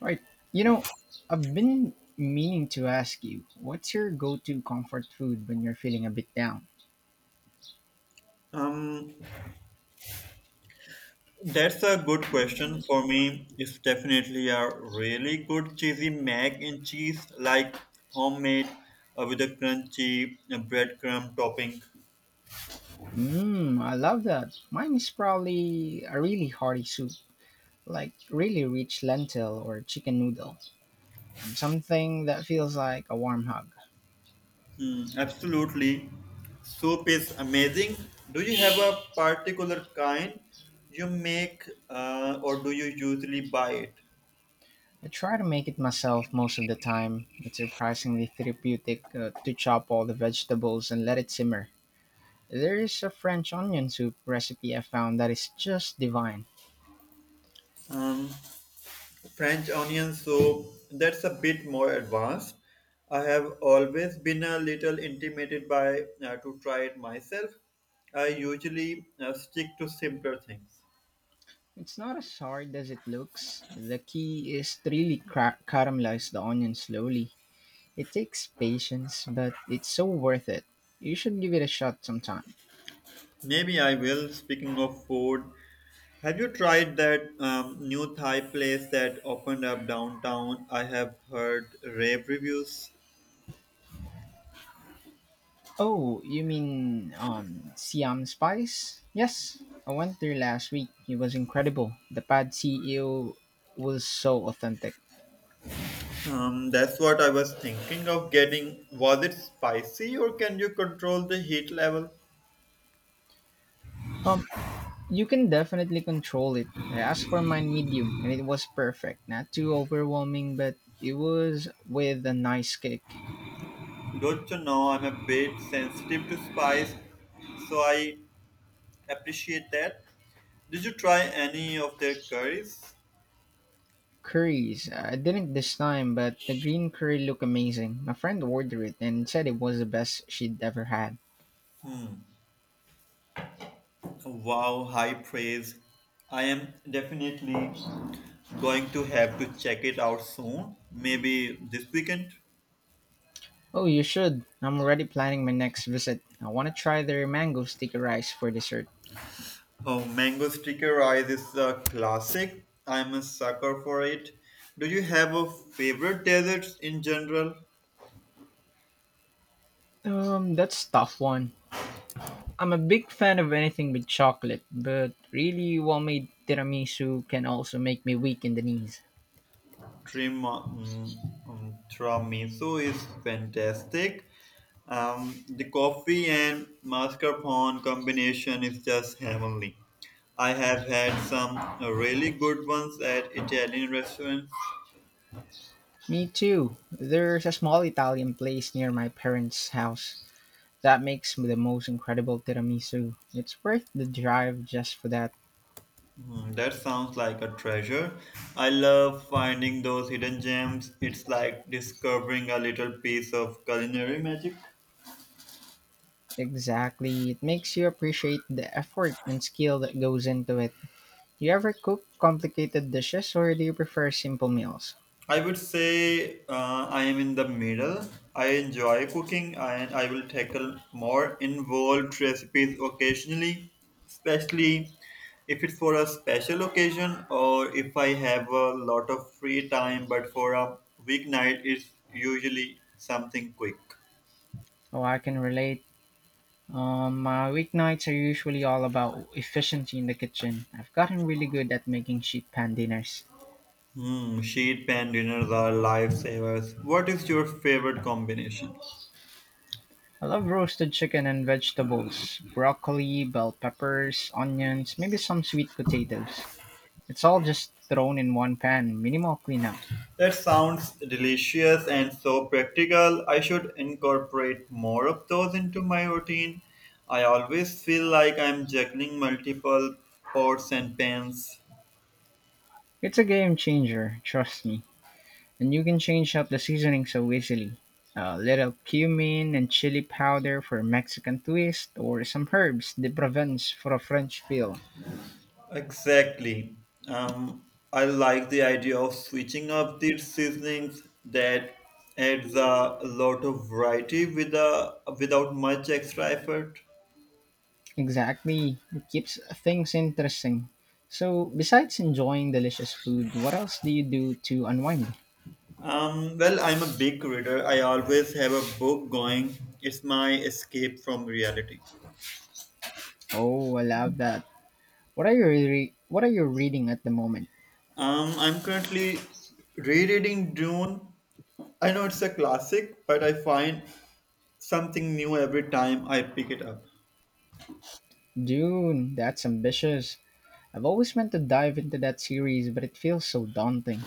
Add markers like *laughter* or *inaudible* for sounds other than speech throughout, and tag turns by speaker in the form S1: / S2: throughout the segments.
S1: Right. You know, I've been meaning to ask you, what's your go-to comfort food when you're feeling a bit down?
S2: Um, that's a good question for me. It's definitely a really good cheesy mac and cheese, like homemade, with a crunchy breadcrumb topping.
S1: Mmm, I love that. Mine is probably a really hearty soup, like really rich lentil or chicken noodle. Something that feels like a warm hug.
S2: Hmm, absolutely. Soup is amazing. Do you have a particular kind you make, or do you usually buy it?
S1: I try to make it myself most of the time. It's surprisingly therapeutic to chop all the vegetables and let it simmer. There is a French onion soup recipe I found that is just divine.
S2: Um, French onion soup. That's a bit more advanced. I have always been a little intimidated by to try it myself. I usually stick to simpler things.
S1: It's not as hard as it looks. The key is to really caramelize the onion slowly. It takes patience, but it's so worth it. You should give it a shot sometime.
S2: Maybe I will. Speaking of food, have you tried that new Thai place that opened up downtown? I have heard rave reviews.
S1: Oh, you mean Siam Spice? Yes, I went there last week. It was incredible. The pad CEO was so authentic.
S2: That's what I was thinking of getting. Was it spicy or can you control the heat level?
S1: Um, you can definitely control it. I asked for mine medium, and it was perfect. Not too overwhelming, but it was with a nice kick.
S2: Don't you know I'm a bit sensitive to spice, so I appreciate that. Did you try any of their curries?
S1: Curries. I didn't this time, but the green curry looked amazing. My friend ordered it and said it was the best she'd ever had.
S2: Wow, high praise. I am definitely going to have to check it out soon, maybe this weekend.
S1: Oh, you should. I'm already planning my next visit. I want to try their mango sticky rice for dessert.
S2: Oh, mango sticker rice is a classic. I'm a sucker for it. Do you have a favorite desserts in general?
S1: That's a tough one. I'm a big fan of anything with chocolate, but really well-made tiramisu can also make me weak in the knees.
S2: Trim, um, Tiramisu is fantastic. The coffee and mascarpone combination is just heavenly. I have had some really good ones at Italian restaurants.
S1: Me too. There's a small Italian place near my parents' house that makes the most incredible tiramisu. It's worth the drive just for that.
S2: Hmm, that sounds like a treasure. I love finding those hidden gems. It's like discovering a little piece of culinary magic.
S1: Exactly. It makes you appreciate the effort and skill that goes into it. Do you ever cook complicated dishes or do you prefer simple meals?
S2: I would say I am in the middle. I enjoy cooking and I will tackle more involved recipes occasionally, especially if it's for a special occasion or if I have a lot of free time. But for a weeknight, it's usually something quick.
S1: Oh, I can relate. My weeknights are usually all about efficiency in the kitchen. I've gotten really good at making sheet pan dinners.
S2: Hmm, sheet pan dinners are lifesavers. What is your favorite combination?
S1: I love roasted chicken and vegetables, broccoli, bell peppers, onions, maybe some sweet potatoes. It's all just thrown in one pan, minimal cleanup.
S2: That sounds delicious and so practical. I should incorporate more of those into my routine. I always feel like I'm juggling multiple pots and pans.
S1: It's a game changer, trust me. And you can change up the seasoning so easily. A little cumin and chili powder for a Mexican twist, or some herbs de Provence for a French feel.
S2: Exactly. Um, I like the idea of switching up the seasonings that adds a lot of variety with without much extra effort.
S1: Exactly, it keeps things interesting. So, besides enjoying delicious food, what else do you do to unwind?
S2: Well, I'm a big reader. I always have a book going. It's my escape from reality.
S1: Oh, I love that. What are you reading at the moment?
S2: I'm currently rereading Dune. I know it's a classic, but I find something new every time I pick it up.
S1: Dune, that's ambitious. I've always meant to dive into that series, but it feels so daunting.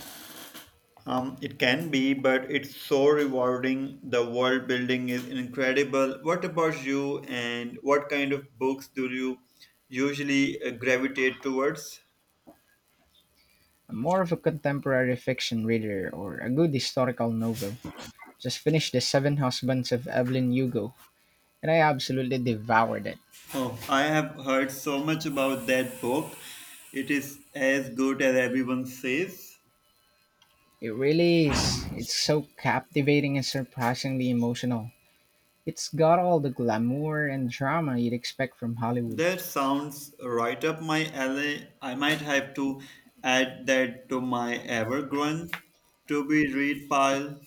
S2: It can be, but it's so rewarding. The world building is incredible. What about you, and what kind of books do you usually, gravitate towards?
S1: I'm more of a contemporary fiction reader or a good historical novel. Just finished The Seven Husbands of Evelyn Hugo, and I absolutely devoured it.
S2: Oh, I have heard so much about that book. It is as good as everyone says.
S1: It really is. It's so captivating and surprisingly emotional. It's got all the glamour and drama you'd expect from Hollywood.
S2: That sounds right up my alley. I might have to add that to my ever-growing to-be-read pile.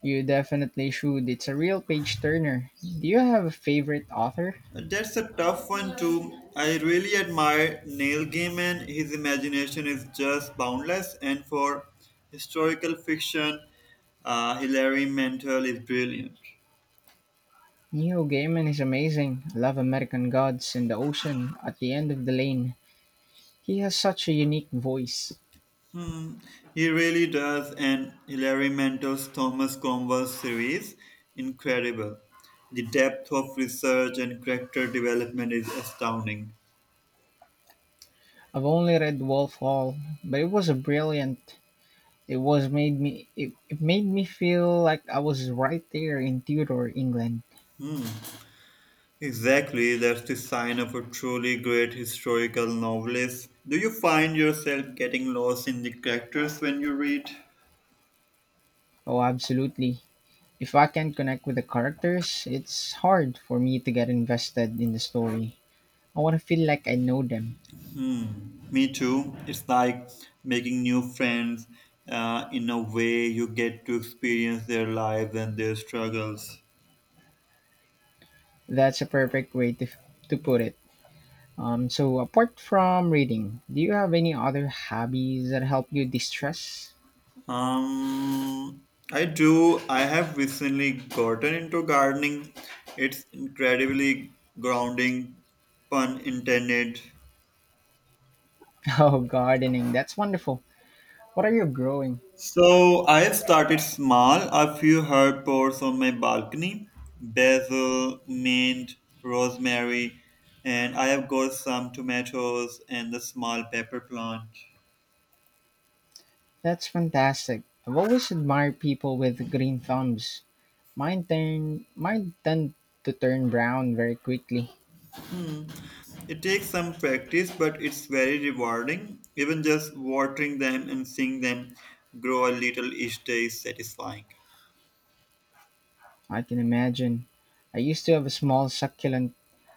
S1: You definitely should. It's a real page turner. Do you have a favorite author?
S2: That's a tough one too. I really admire Neil Gaiman. His imagination is just boundless, and for historical fiction, Hilary Mantel is brilliant.
S1: Neil Gaiman is amazing. Love American Gods and The Ocean at the End of the Lane. He has such a unique voice.
S2: Hmm, he really does, and Hilary Mantel's Thomas Cromwell series incredible. The depth of research and character development is astounding.
S1: I've only read Wolf Hall, but it was a brilliant. It was made me it, it made me feel like I was right there in Tudor England.
S2: Exactly, that's the sign of a truly great historical novelist. Do you find yourself getting lost in the characters when you read?
S1: Oh, absolutely. If I can't connect with the characters, it's hard for me to get invested in the story. I want to feel like I know them.
S2: Me too. It's like making new friends. In a way, you get to experience their lives and their struggles.
S1: That's a perfect to put it. So apart from reading, do you have any other hobbies that help you distress? *laughs*
S2: I do. I have recently gotten into gardening. It's incredibly grounding, pun intended.
S1: Oh, gardening. That's wonderful. What are you growing?
S2: So I have started small. A few herb pots on my balcony: basil, mint, rosemary, and I have got some tomatoes and the small pepper plant.
S1: That's fantastic. I've always admired people with green thumbs. Mine turn mine tend to turn brown very quickly.
S2: It takes some practice, but it's very rewarding. Even just watering them and seeing them grow a little each day is satisfying.
S1: I can imagine. I used to have a small succulent,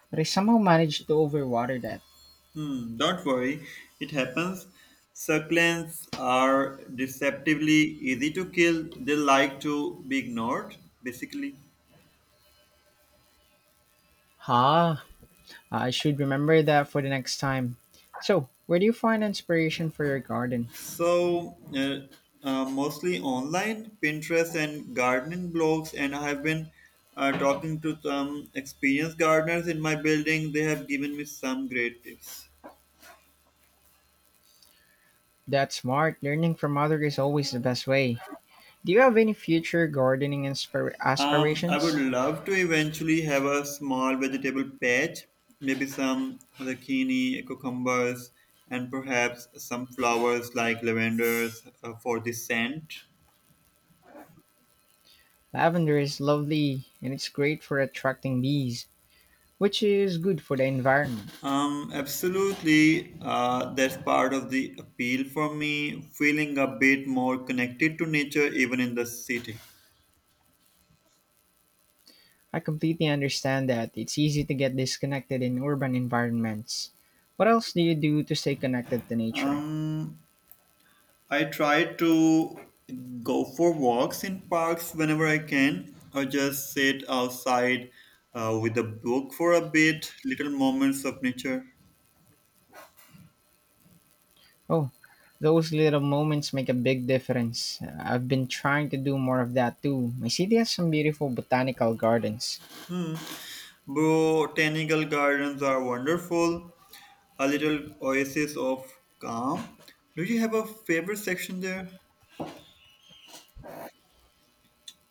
S1: but I somehow managed to overwater that.
S2: Hmm, don't worry, it happens. Succulents are deceptively easy to kill. They like to be ignored, basically.
S1: Ha! I should remember that for the next time. So, where do you find inspiration for your garden?
S2: So, mostly online, Pinterest and gardening blogs, and I have been talking to some experienced gardeners in my building. They have given me some great tips.
S1: That's smart. Learning from others is always the best way. Do you have any future
S2: I would
S1: aspirations?
S2: love to eventually have a small vegetable patch, maybe some zucchini, cucumbers, and perhaps some flowers like lavenders, for the scent.
S1: Lavender is lovely and it's great for attracting bees, which is good for the environment.
S2: Absolutely, that's part of the appeal for me, feeling a bit more connected to nature even in the city.
S1: I completely understand that. It's easy to get disconnected in urban environments. What else do you do to stay connected to nature?
S2: Um, I try to go for walks in parks whenever I can, or just sit outside with a book for a bit, little moments of nature.
S1: Oh, those little moments make a big difference. I've been trying to do more of that too. My city has some beautiful botanical gardens.
S2: Botanical gardens are wonderful, a little oasis of calm. Do you have a favorite section there?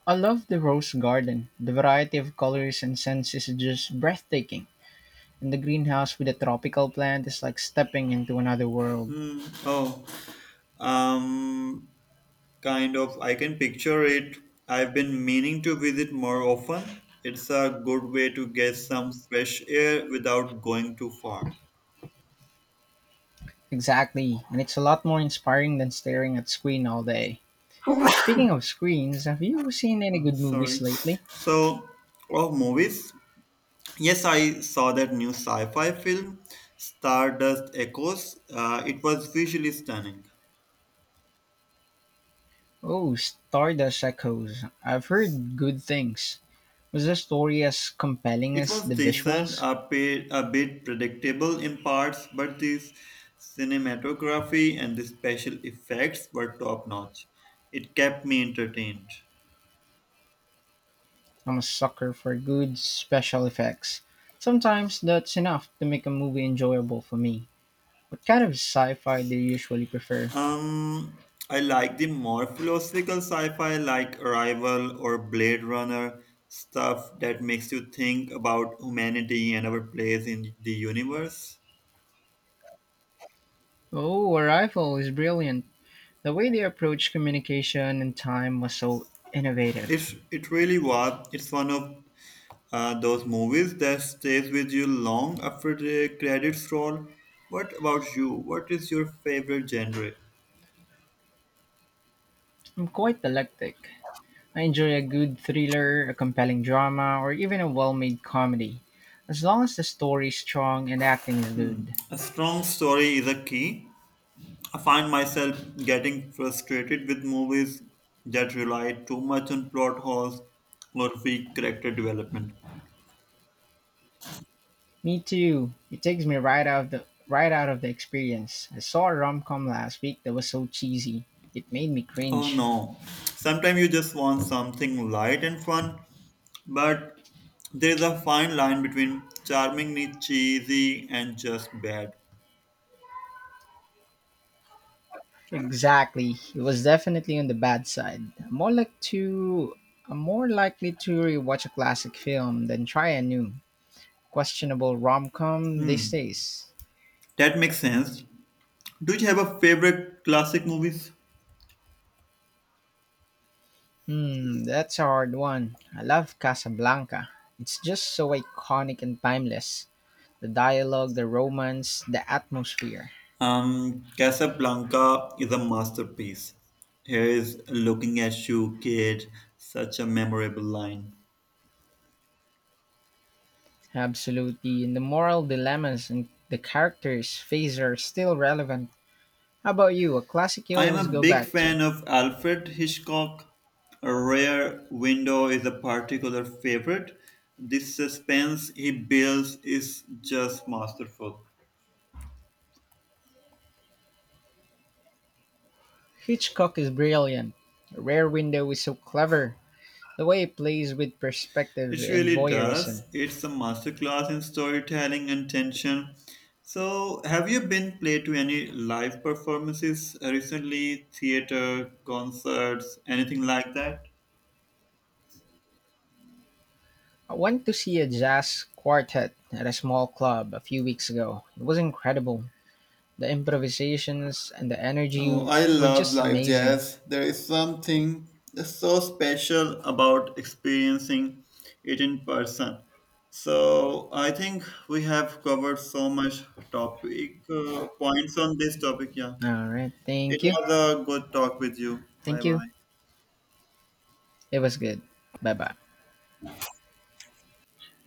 S1: I love the rose garden. The variety of colors and scents is just breathtaking. And the greenhouse with a tropical plant is like stepping into another world.
S2: Hmm. Oh, um, Kind of, I can picture it. I've been meaning to visit more often. It's a good way to get some fresh air without going too far.
S1: Exactly, and it's a lot more inspiring than staring at screen all day. Speaking of screens, have you seen any good movies
S2: Sorry.
S1: lately?
S2: So, of movies, yes, I saw that new sci fi film, Stardust Echoes. It was visually stunning.
S1: Oh, Stardust Echoes. I've heard good things. Was the story as compelling
S2: It
S1: as
S2: was
S1: the
S2: decent,
S1: visuals?
S2: a bit predictable in parts, but this cinematography and the special effects were top notch. It kept me entertained.
S1: I'm a sucker for good special effects. Sometimes that's enough to make a movie enjoyable for me. What kind of sci-fi do you usually prefer?
S2: Um, I like the more philosophical sci-fi like Arrival or Blade Runner stuff that makes you think about humanity and our place in the universe.
S1: Oh, Arrival is brilliant. The way they approach communication and time was so innovative.
S2: It really was. It's one of those movies that stays with you long after the credits roll. What about you? What is your favorite genre?
S1: I'm quite eclectic. I enjoy a good thriller, a compelling drama, or even a well-made comedy, as long as the story's strong and the acting is good.
S2: A strong story is a key, I find myself getting frustrated with movies that rely too much on plot holes or weak character development.
S1: Me too. It takes me right out of the experience. I saw a rom-com last week that was so cheesy. It made me
S2: Oh
S1: cringe.
S2: no, sometimes you just want something light and fun, but there is a fine line between charmingly cheesy and just bad.
S1: Exactly. He was definitely on the bad side. I'm more likely to rewatch a classic film than try a new questionable rom com these days.
S2: That makes sense. Do you have a favorite classic movies?
S1: Hmm, that's a hard one. I love Casablanca. It's just so iconic and timeless. The dialogue, the romance, the atmosphere.
S2: Casablanca is a masterpiece. Here is looking at you, kid. Such a memorable line.
S1: Absolutely. And the moral dilemmas and the characters' face are still relevant. How about you? A classic you
S2: I am
S1: always
S2: a
S1: go
S2: big
S1: back to?
S2: fan of Alfred Hitchcock. A Rare Window is a particular favorite. The suspense he builds is just masterful.
S1: Hitchcock is brilliant. Rear-Window is so clever, the way it plays with perspective
S2: It
S1: and
S2: really does.
S1: voyeurism.
S2: It's a masterclass in storytelling and tension. So, have you been played to any live performances recently? Theater, concerts, anything like that?
S1: I went to see a jazz quartet at a small club a few weeks ago. It was incredible. The improvisations and the
S2: Oh,
S1: energy
S2: I
S1: were
S2: love
S1: just
S2: live
S1: amazing.
S2: jazz. There is something so special about experiencing it in person. So I think we have covered so much topic points on this topic. Yeah,
S1: All right,
S2: it
S1: thank you.
S2: was a good talk with you.
S1: Thank
S2: Bye
S1: you.
S2: bye.
S1: It was good. Bye bye.